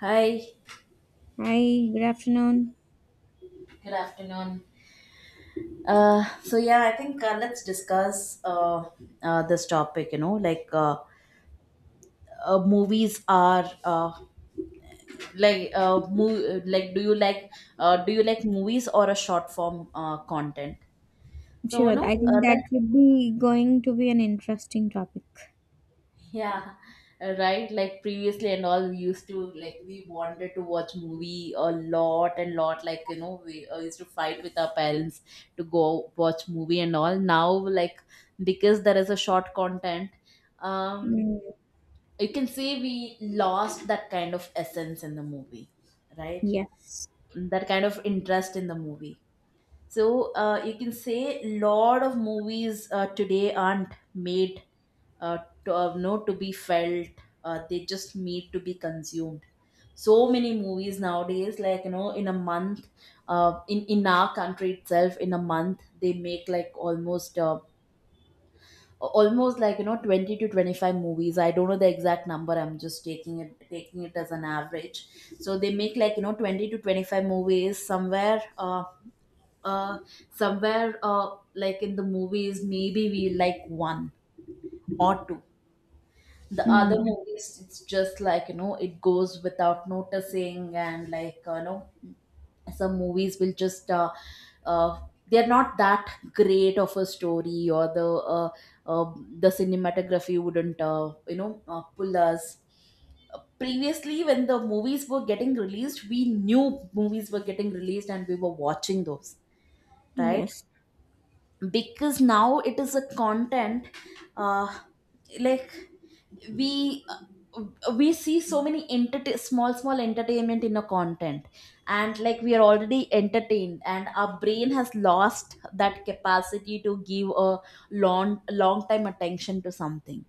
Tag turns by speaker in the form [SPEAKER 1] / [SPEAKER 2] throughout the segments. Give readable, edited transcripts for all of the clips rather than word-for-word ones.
[SPEAKER 1] Hi.
[SPEAKER 2] Hi, good afternoon.
[SPEAKER 1] Good afternoon. So yeah, I think, let's discuss, this topic. You know, like, movies are like, like do you like, do you like movies or a short form content? So
[SPEAKER 2] Sure, I
[SPEAKER 1] no,
[SPEAKER 2] think that
[SPEAKER 1] let.
[SPEAKER 2] would be going to be an interesting topic.
[SPEAKER 1] Yeah, right. Like previously and all, we used to like we wanted to watch movie a lot and lot. Like you know, we used to fight with our parents to go watch movie and all. Now, like, because there is a short content, um,
[SPEAKER 2] Mm,
[SPEAKER 1] you can say we lost that kind of essence in the movie, right?
[SPEAKER 2] yes.
[SPEAKER 1] That kind of interest in the movie. So you can say lot of movies today aren't made uh, no to be felt. They just need to be consumed. So many movies nowadays, like you know, in a month, in our country itself, in a month they make like almost almost like you know 20 to 25 movies. I don't know the exact number. I'm just taking it as an average. So they make like you know 20 to 25 movies somewhere. Uh, somewhere, like in the movies maybe we like one or two, the other
[SPEAKER 2] Mm,
[SPEAKER 1] movies it's just like you know it goes without noticing, and like you know some movies will just uh, they're not that great of a story or uh, the cinematography wouldn't you know pull us. Previously when the movies were getting released, we knew movies were getting released and we were watching those, right?
[SPEAKER 2] yes.
[SPEAKER 1] Because now it is a content, uh, like, we we see so many small small entertainment in a content, and like we are already entertained, and our brain has lost that capacity to give a long long time attention to something.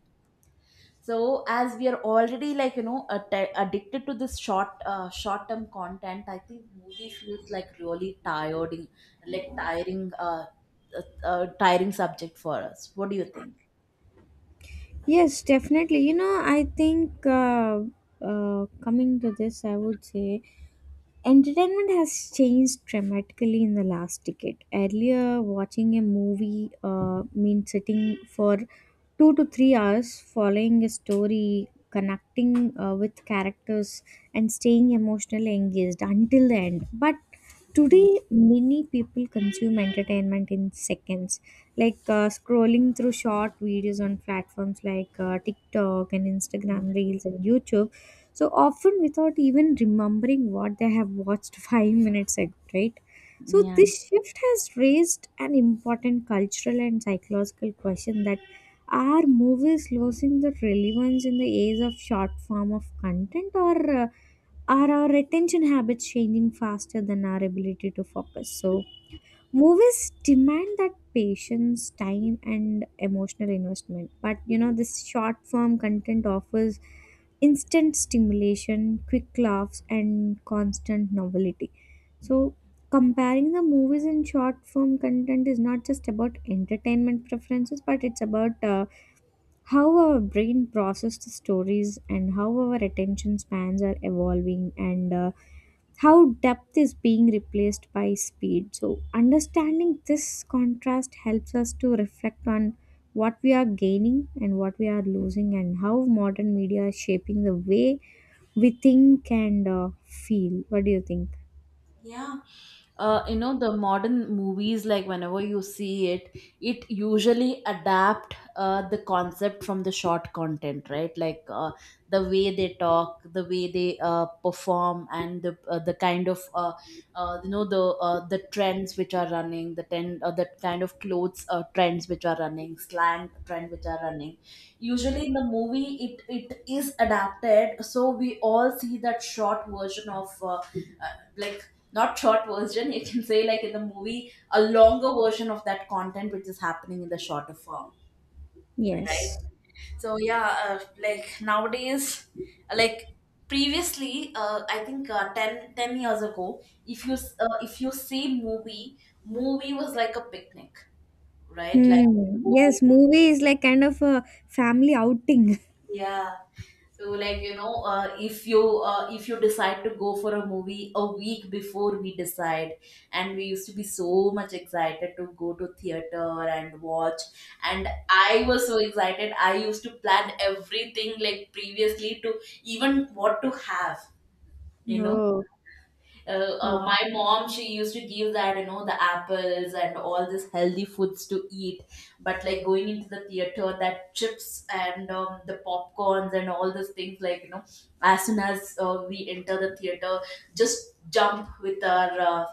[SPEAKER 1] So as we are already, like you know, addicted to this short, short term content, I think movie feels like really tiring, like tiring, uh, tiring subject for us. What do you think?
[SPEAKER 2] Yes, definitely. You know, I think, coming to this, I would say entertainment has changed dramatically in the last decade. Earlier, watching a movie meant sitting for 2 to 3 hours, following a story, connecting with characters, and staying emotionally engaged until the end. But today, many people consume entertainment in seconds, like scrolling through short videos on platforms like TikTok and
[SPEAKER 1] Mm,
[SPEAKER 2] Instagram Reels and YouTube, so often without even remembering what they have watched 5 minutes ago, right? So
[SPEAKER 1] yeah.
[SPEAKER 2] this shift has raised an important cultural and psychological question: that are movies losing the relevance in the age of short form of content, or are our attention habits changing faster than our ability to focus? So movies demand that patience, time, and emotional investment. But you know, this short form content offers instant stimulation, quick laughs, and constant novelty. So, comparing the movies and short form content is not just about entertainment preferences, but it's about how our brain processes the stories and how our attention spans are evolving, and how depth is being replaced by speed. So, understanding this contrast helps us to reflect on what we are gaining and what we are losing, and how modern media is shaping the way we think and, feel. What do you think?
[SPEAKER 1] Yeah. You know, the modern movies, like whenever you see it, it usually adapt the concept from the short content, right? Like the way they talk, the way they perform, and the kind of you know, the trends which are running, the kind of clothes, trends which are running, slang trend which are running, usually in the movie it is adapted. So we all see that short version of uh, like, not short version, you can say like in the movie a longer version of that content which is happening in the shorter form, right?
[SPEAKER 2] Yes.
[SPEAKER 1] So yeah, like nowadays, like previously I think, 10, ten years ago if you if you see movie, movie was like a picnic, right? Like,
[SPEAKER 2] Hmm. Yes, movie is like kind of a family outing.
[SPEAKER 1] yeah. So like you know, if you, if you decide to go for a movie a week before we decide, and we used to be so much excited to go to theater and watch. And I was so excited. I used to plan everything like previously to, even what to have, you know.
[SPEAKER 2] Oh, wow.
[SPEAKER 1] My mom, she used to give that, you know, the apples and all this healthy foods to eat. But like going into the theater, that chips and, the popcorns and all those things, like you know, as soon as we enter the theater, just jump with our,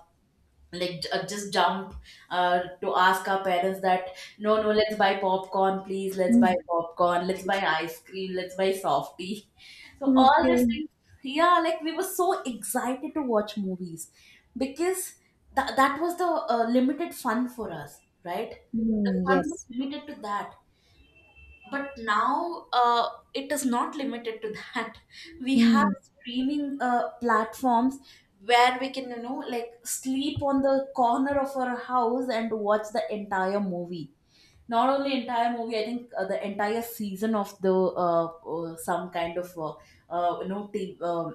[SPEAKER 1] like, just jump, to ask our parents that, no no let's buy popcorn, please let's buy
[SPEAKER 2] Hmm.
[SPEAKER 1] popcorn, let's buy ice cream, let's buy softy. So all these
[SPEAKER 2] Okay.
[SPEAKER 1] things. Yeah, like we were so excited to watch movies, because that was the, limited fun for us, right? The
[SPEAKER 2] Hmm,
[SPEAKER 1] fun was
[SPEAKER 2] yes.
[SPEAKER 1] limited to that. But now, it is not limited to that. We have
[SPEAKER 2] Hmm.
[SPEAKER 1] streaming, platforms where we can, you know, like sleep on the corner of our house and watch the entire movie. Not only entire movie, I think the entire season of the, some kind of, you know,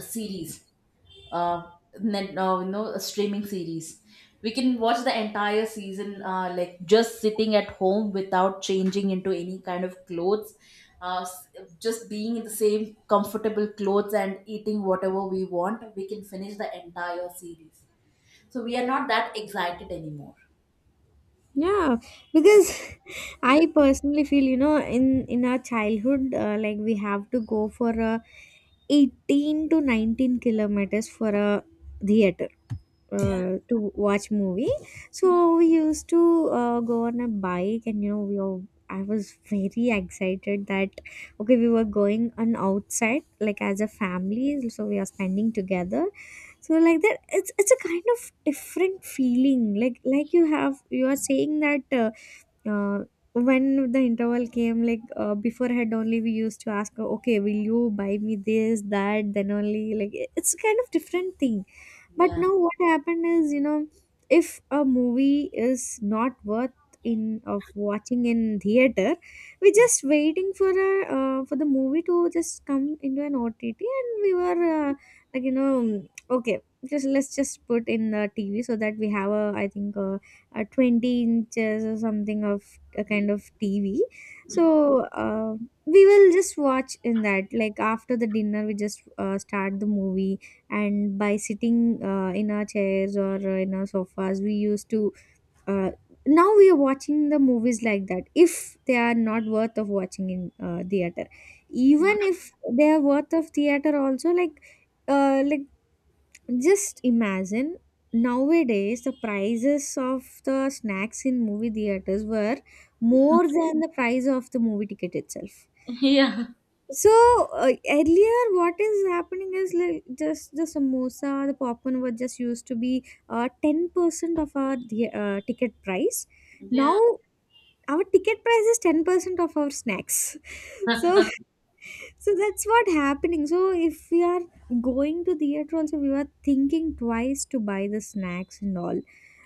[SPEAKER 1] series, uh, you know, a streaming series. We can watch the entire season, like just sitting at home without changing into any kind of clothes, uh, s- just being in the same comfortable clothes and eating whatever we want. We can finish the entire series. So we are not that excited anymore.
[SPEAKER 2] Yeah, because I personally feel, you know, in our childhood, like we have to go for a 18 to 19 kilometers for a theater
[SPEAKER 1] Yeah.
[SPEAKER 2] to watch movie. So we used to go on a bike, and you know, we all, I was very excited that okay, we were going on outside like as a family, so we are spending together. So like that, it's a kind of different feeling. Like, you are saying that. Uh, when the interval came, like beforehand only we used to ask, okay, will you buy me this, that? Then only, like, it's kind of different thing. But
[SPEAKER 1] Yeah.
[SPEAKER 2] now what happened is, you know, if a movie is not worth in of watching in theater, we're just waiting for a, for the movie to just come into an OTT, and we were, like, you know, okay, just let's just put in the TV, so that we have, a I think, a 20 inches or something of a kind of TV. So, uh, we will just watch in that, like after the dinner we just start the movie, and by sitting in our chairs or in our sofas we used to, uh, now we are watching the movies like that if they are not worth of watching in theater. Even if they are worth of theater also, like like, just imagine, nowadays the prices of the snacks in movie theaters were more than the price of the movie ticket itself.
[SPEAKER 1] Yeah.
[SPEAKER 2] So, earlier, what is happening is, like, just the samosa, the popcorn were just used to be 10% of our the- ticket price.
[SPEAKER 1] Yeah.
[SPEAKER 2] Now our ticket price is 10% of our snacks. So, that's what happening. So if we are going to theater also we were thinking twice to buy the snacks and all.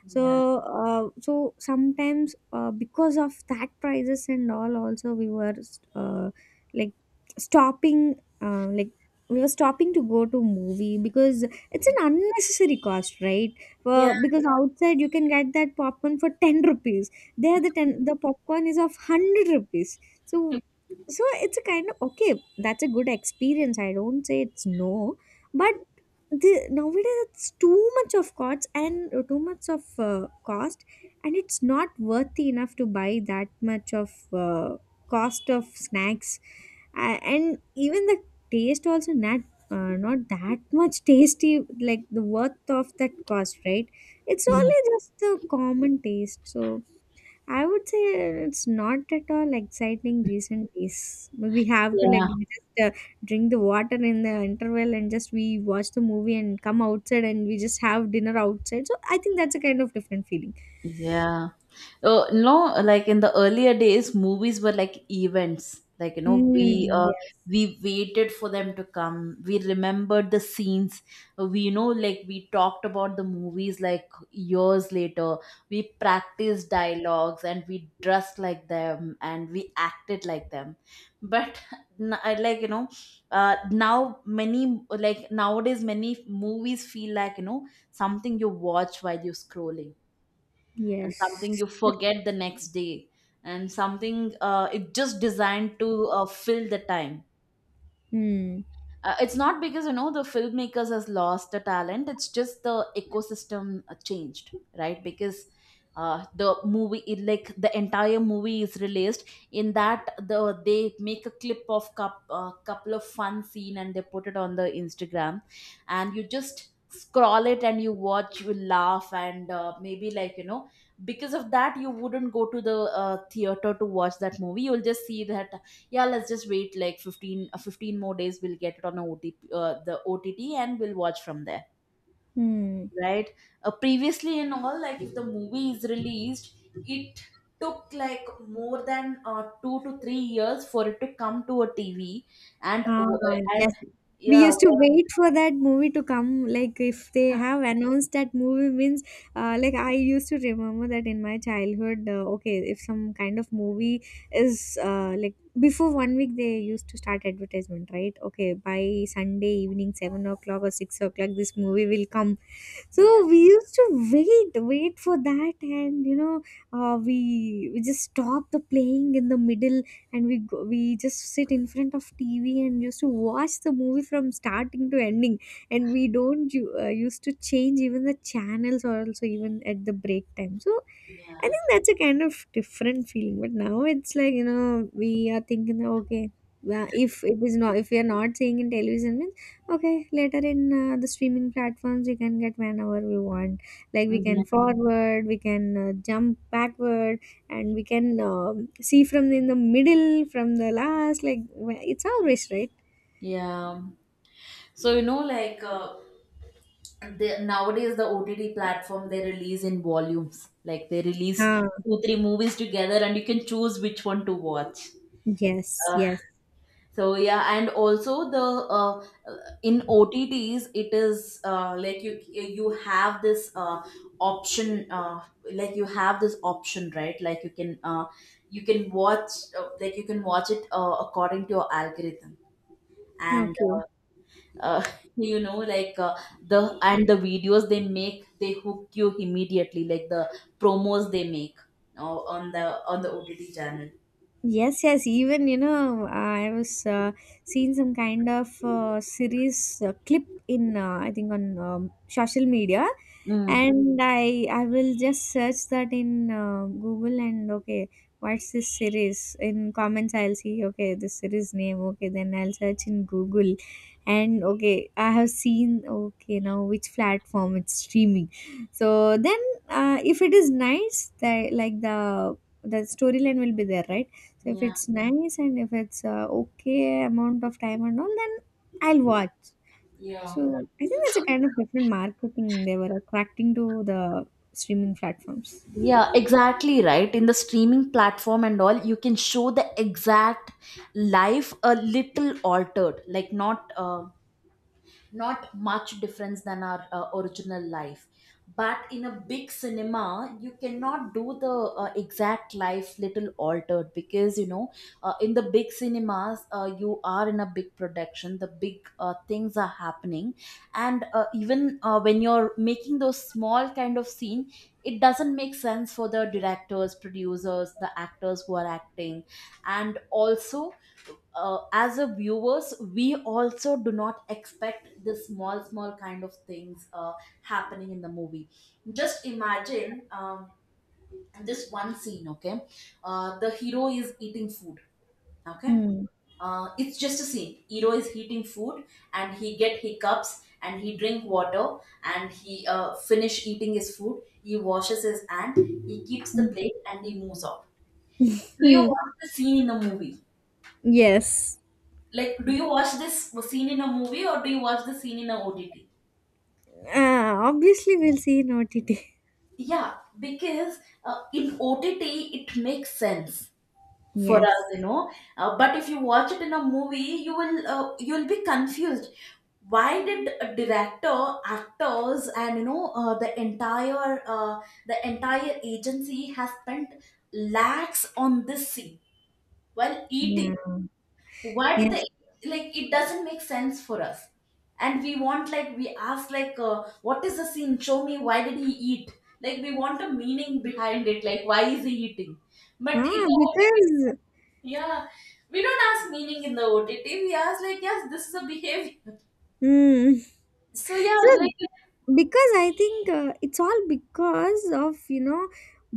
[SPEAKER 2] so
[SPEAKER 1] Yeah.
[SPEAKER 2] uh, so sometimes because of that prices and all also we were, uh, like, stopping, like, we were stopping to go to movie, because it's an unnecessary cost, right?
[SPEAKER 1] Yeah.
[SPEAKER 2] Because outside you can get that popcorn for 10 rupees; there the 10, the popcorn is of 100 rupees. So, so it's a kind of okay, that's a good experience. I don't say it's no, but the nowadays it's too much of cost, and too much of cost, and it's not worthy enough to buy that much of cost of snacks, and even the taste also not that much tasty like the worth of that cost, right? It's only just the common taste, so I would say it's not at all exciting recent days. We have to like
[SPEAKER 1] Yeah.
[SPEAKER 2] just drink the water in the interval and just we watch the movie and come outside and we just have dinner outside. So I think that's a kind of different feeling.
[SPEAKER 1] Yeah. No, like in the earlier days, movies were like events. Like, you know,
[SPEAKER 2] Mm, yes.
[SPEAKER 1] we waited for them to come. We remembered the scenes. We, you know, like we talked about the movies like years later. We practiced dialogues, and we dressed like them, and we acted like them. But I, like, you know, now many, like nowadays, many movies feel like, you know, something you watch while you're scrolling, and something
[SPEAKER 2] Yes.
[SPEAKER 1] you forget the next day, and something, it just designed to, fill the time.
[SPEAKER 2] Mm.
[SPEAKER 1] It's not because, you know, the filmmakers has lost the talent. It's just the ecosystem, changed, right? Because the movie it, like, the entire movie is released. In that, they make a clip of couple of fun scene, and they put it on the instagram, and you just scroll it and you watch, you laugh, and maybe, like you know, because of that you wouldn't go to the, theater to watch that movie. You'll just see that, yeah let's just wait like 15, 15 more days, we'll get it on a OTP, the ott, and we'll watch from there,
[SPEAKER 2] Hmm.
[SPEAKER 1] right? Previously in all, like if the movie is released, it took like more than, 2 to 3 years for it to come to a tv and
[SPEAKER 2] Ah,
[SPEAKER 1] and
[SPEAKER 2] yes. We
[SPEAKER 1] yeah
[SPEAKER 2] used to
[SPEAKER 1] what.
[SPEAKER 2] wait for that movie to come. Like, if they
[SPEAKER 1] Yeah,
[SPEAKER 2] have announced that movie, means, like, I used to remember that in my childhood. Okay, if some kind of movie is, like, before one week they used to start advertisement, right? Okay, by Sunday evening, 7 o'clock or 6 o'clock, this movie will come. So
[SPEAKER 1] yeah,
[SPEAKER 2] we used to wait for that. And you know, we just stop the playing in the middle, and we go, we just sit in front of TV and used to watch the movie from starting to ending, and we don't used to change even the channels or also even at the break time. So I think that's a kind of different feeling. But now it's like, you know, we are thinking that, okay, well, if we are not seeing in television. Okay, later in the streaming platforms, we can get whenever we want. Like we can
[SPEAKER 1] yeah,
[SPEAKER 2] forward, we can jump backward, and we can see from in the middle, from the last. Like, it's always right.
[SPEAKER 1] yeah. So you know, like they, nowadays the OTT platform, they release in volumes. Like they release
[SPEAKER 2] Ah,
[SPEAKER 1] two three movies together, and you can choose which one to watch.
[SPEAKER 2] yes,
[SPEAKER 1] Uh,
[SPEAKER 2] yes.
[SPEAKER 1] so yeah, and also the, in OTTs it is, like, you have this, option, like, you have this option, right? Like you can, you can watch, like you can watch it, according to your algorithm, and
[SPEAKER 2] Okay.
[SPEAKER 1] uh, you know, like the and the videos they make, they hook you immediately, like the promos they make on the ott channel.
[SPEAKER 2] Yes, yes. Even you know, I was seeing some kind of series clip in, I think, on, social media,
[SPEAKER 1] Mm.
[SPEAKER 2] and I will just search that in Google, and okay, what's this series? In comments, I'll see, okay, this series name. Okay, then I'll search in Google, and okay, I have seen, okay, now which platform it's streaming. So then, if it is nice, that, like, the storyline will be there, right? So if
[SPEAKER 1] Yeah,
[SPEAKER 2] it's nice and if it's okay amount of time and all, then I'll watch.
[SPEAKER 1] yeah.
[SPEAKER 2] So I think that's a kind of different marketing they were attracting to the streaming platforms.
[SPEAKER 1] Yeah, exactly right. In the streaming platform and all, you can show the exact life a little altered, like not, not much difference than our, original life. But in a big cinema you cannot do the, exact life little altered, because you know in the big cinemas, you are in a big production, the big, things are happening. And even, when you're making those small kind of scene, it doesn't make sense for the directors, producers, the actors who are acting. And also, as a viewers, we also do not expect the small small kind of things, happening in the movie. Just imagine, um, this one scene, okay? The hero is eating food. Okay,
[SPEAKER 2] Hmm.
[SPEAKER 1] it's just a scene, hero is eating food, and he get hiccups, and he drink water, and he, finish eating his food, he washes his hand, he keeps the
[SPEAKER 2] Hmm.
[SPEAKER 1] plate, and he moves off. Do you watch
[SPEAKER 2] Mm.
[SPEAKER 1] the scene in the movie?
[SPEAKER 2] Yes.
[SPEAKER 1] Like, do you watch this scene in a movie or do you watch the scene in a OTT?
[SPEAKER 2] Obviously, we'll see in OTT.
[SPEAKER 1] Yeah, because in OTT it makes sense for us, you
[SPEAKER 2] Yes.
[SPEAKER 1] know. But if you watch it in a movie, you will you'll be confused. Why did a director, actors, and you know, the entire, the entire agency has spent lakhs on this scene while eating?
[SPEAKER 2] Yeah.
[SPEAKER 1] What the.
[SPEAKER 2] Yes.
[SPEAKER 1] Like it doesn't make sense for us. And we want, like we ask like, what is the scene, show me, why did he eat? Like we want a meaning behind it, like why is he eating. But in
[SPEAKER 2] Ah,
[SPEAKER 1] the OTT,
[SPEAKER 2] because.
[SPEAKER 1] yeah, we don't ask meaning in the OTT, we ask like yes this is a behavior.
[SPEAKER 2] Mm.
[SPEAKER 1] So yeah,
[SPEAKER 2] So,
[SPEAKER 1] like,
[SPEAKER 2] because I think it's all because of, you know,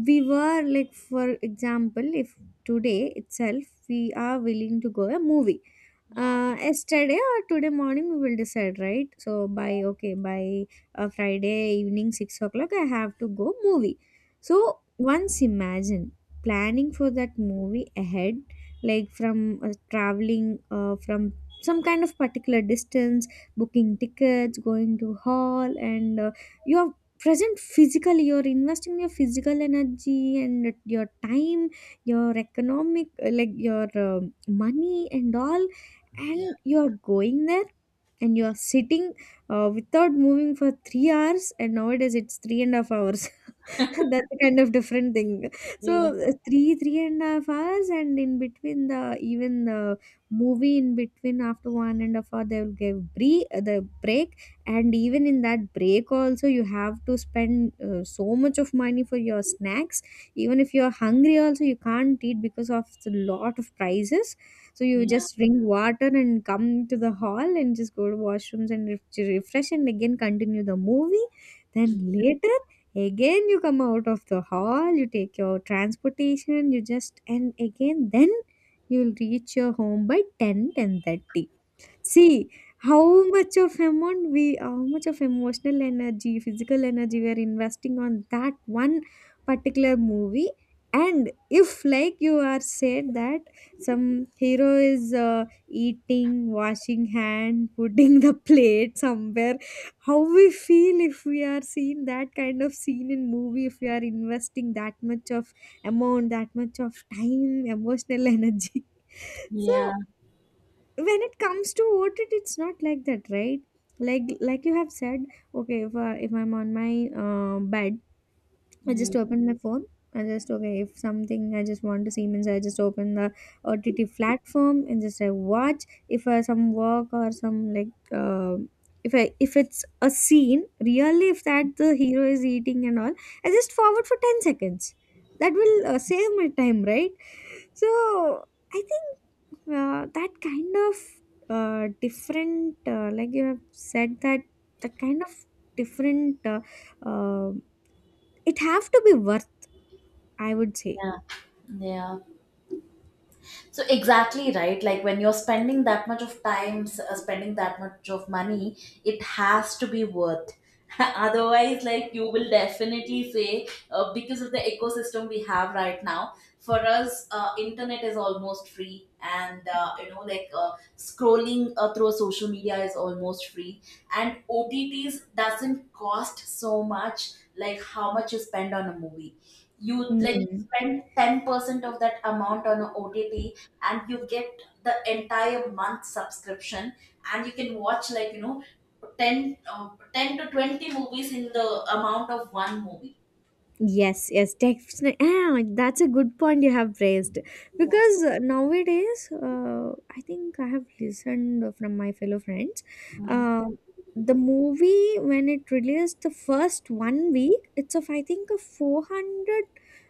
[SPEAKER 2] we were like, for example, if today itself we are willing to go a movie.
[SPEAKER 1] yeah,
[SPEAKER 2] Yesterday or today morning we will decide, right? So by okay by Friday evening 6 o'clock I have to go movie. So once imagine planning for that movie ahead, like from traveling from some kind of particular distance, booking tickets, going to hall, and you are present physically. You're investing your physical energy and your time, your economic, like your money and all,
[SPEAKER 1] yeah,
[SPEAKER 2] and you're going there and you're sitting without moving for 3 hours, and nowadays it's 3.5 hours. That's a kind of different thing.
[SPEAKER 1] yeah,
[SPEAKER 2] So 3.5 hours, and in between the even the movie in between after 1.5 hour they will give the break, and even in that break also you have to spend so much of money for your snacks. Even if you are hungry, also you can't eat because of the lot of prices. So you
[SPEAKER 1] yeah,
[SPEAKER 2] just drink water and come to the hall and just go to washrooms and refresh and again continue the movie. Then later. Again, you come out of the hall, you take your transportation, you just, and again, then you'll reach your home by ten, 10:30. See how much of amount we, how much of emotional energy, physical energy we are investing on that one particular movie. And if, like you are said, that some hero is eating, washing hand, putting the plate somewhere, how we feel if we are seeing that kind of scene in movie, if we are investing that much of amount, that much of time, emotional energy.
[SPEAKER 1] yeah.
[SPEAKER 2] So when it comes to OTT, it's not like that, right? Like you have said, okay, if I'm on my bed, I just
[SPEAKER 1] Mm,
[SPEAKER 2] open my phone. I just, okay, if something I just want to see means I just open the OTT platform and just I watch if some work or some, like, if it's a scene really, if that the hero is eating and all, I just forward for 10 seconds. That will save my time, right? So I think that kind of different, like you have said, that that kind of different, uh, it have to be worth. I would say.
[SPEAKER 1] yeah. So exactly right. Like when you're spending that much of time, spending that much of money, it has to be worth. Otherwise, like you will definitely say, because of the ecosystem we have right now, for us, internet is almost free, and you know, like scrolling through social media is almost free, and OTTs doesn't cost so much like how much you spend on a movie. You like
[SPEAKER 2] Mm.
[SPEAKER 1] spend 10% of that amount on a OTT, and you get the entire month subscription, and you can watch, like you know, 10, 10 to 20 movies in the amount of one movie.
[SPEAKER 2] Yes, yes, definitely. Ah, like, that's a good point you have raised. Because nowadays, I think I have listened from my fellow friends.
[SPEAKER 1] Yeah.
[SPEAKER 2] Uh, the movie, when it released the first one week, it's of, I think, a 400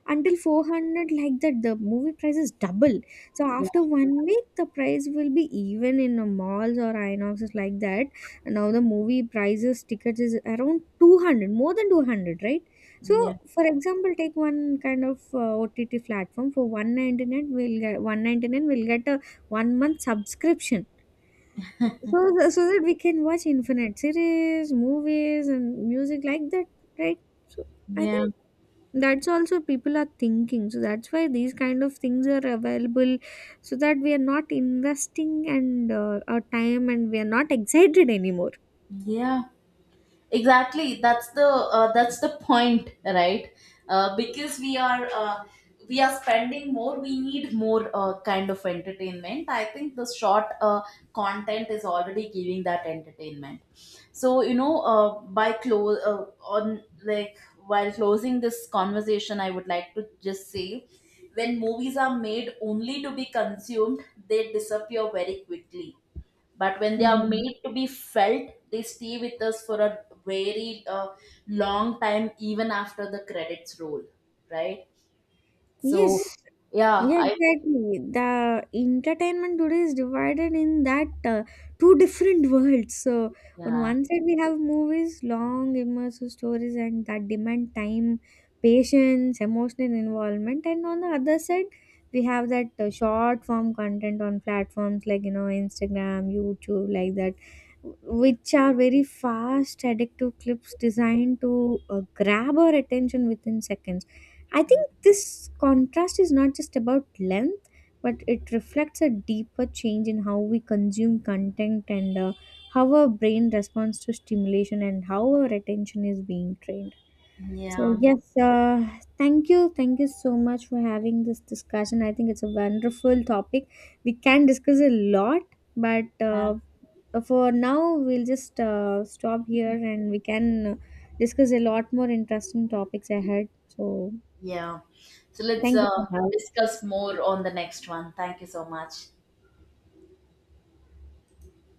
[SPEAKER 2] until 400, like that, the movie price is double. So after one week, the price will be even in malls or Inoxes, like that. Now the movie prices, tickets is around 200, more than 200, right?
[SPEAKER 1] Yeah,
[SPEAKER 2] So, for example, take one kind of OTT platform for 199 we'll get a one month subscription. So so that we can watch infinite series, movies and music like that, right? So I
[SPEAKER 1] yeah,
[SPEAKER 2] think that's also people are thinking. So that's why these kind of things are available so that we are not investing and our time and we are not excited anymore.
[SPEAKER 1] yeah, Exactly, that's the, that's the point, right? Because we are, we are spending more, we need more, kind of entertainment. I think the short, content is already giving that entertainment. So you know, by close, on like, while closing this conversation, I would like to just say, when movies are made only to be consumed, they disappear very quickly, but when they are
[SPEAKER 2] Mm.
[SPEAKER 1] made to be felt, they stay with us for a very, long time, even after the credits roll, right? So
[SPEAKER 2] Yes.
[SPEAKER 1] yeah,
[SPEAKER 2] Yeah,
[SPEAKER 1] I.
[SPEAKER 2] exactly. The entertainment today is divided in that, two different worlds. So on
[SPEAKER 1] Yeah,
[SPEAKER 2] one side we have movies, long immersive stories, and that demand time, patience, emotional involvement, and on the other side we have that, short form content on platforms like, Instagram, YouTube, like that, which are very fast, addictive clips designed to grab our attention within seconds. I think this contrast is not just about length, but it reflects a deeper change in how we consume content, and how our brain responds to stimulation and how our attention is being trained. So,
[SPEAKER 1] yeah,
[SPEAKER 2] yes, thank you. Thank you so much for having this discussion. I think it's a wonderful topic. We can discuss a lot, but for now, we'll just stop here and we can discuss a lot more interesting topics ahead. So,
[SPEAKER 1] yeah. So let's,
[SPEAKER 2] thank you for having
[SPEAKER 1] discuss more on the next one. Thank you so much.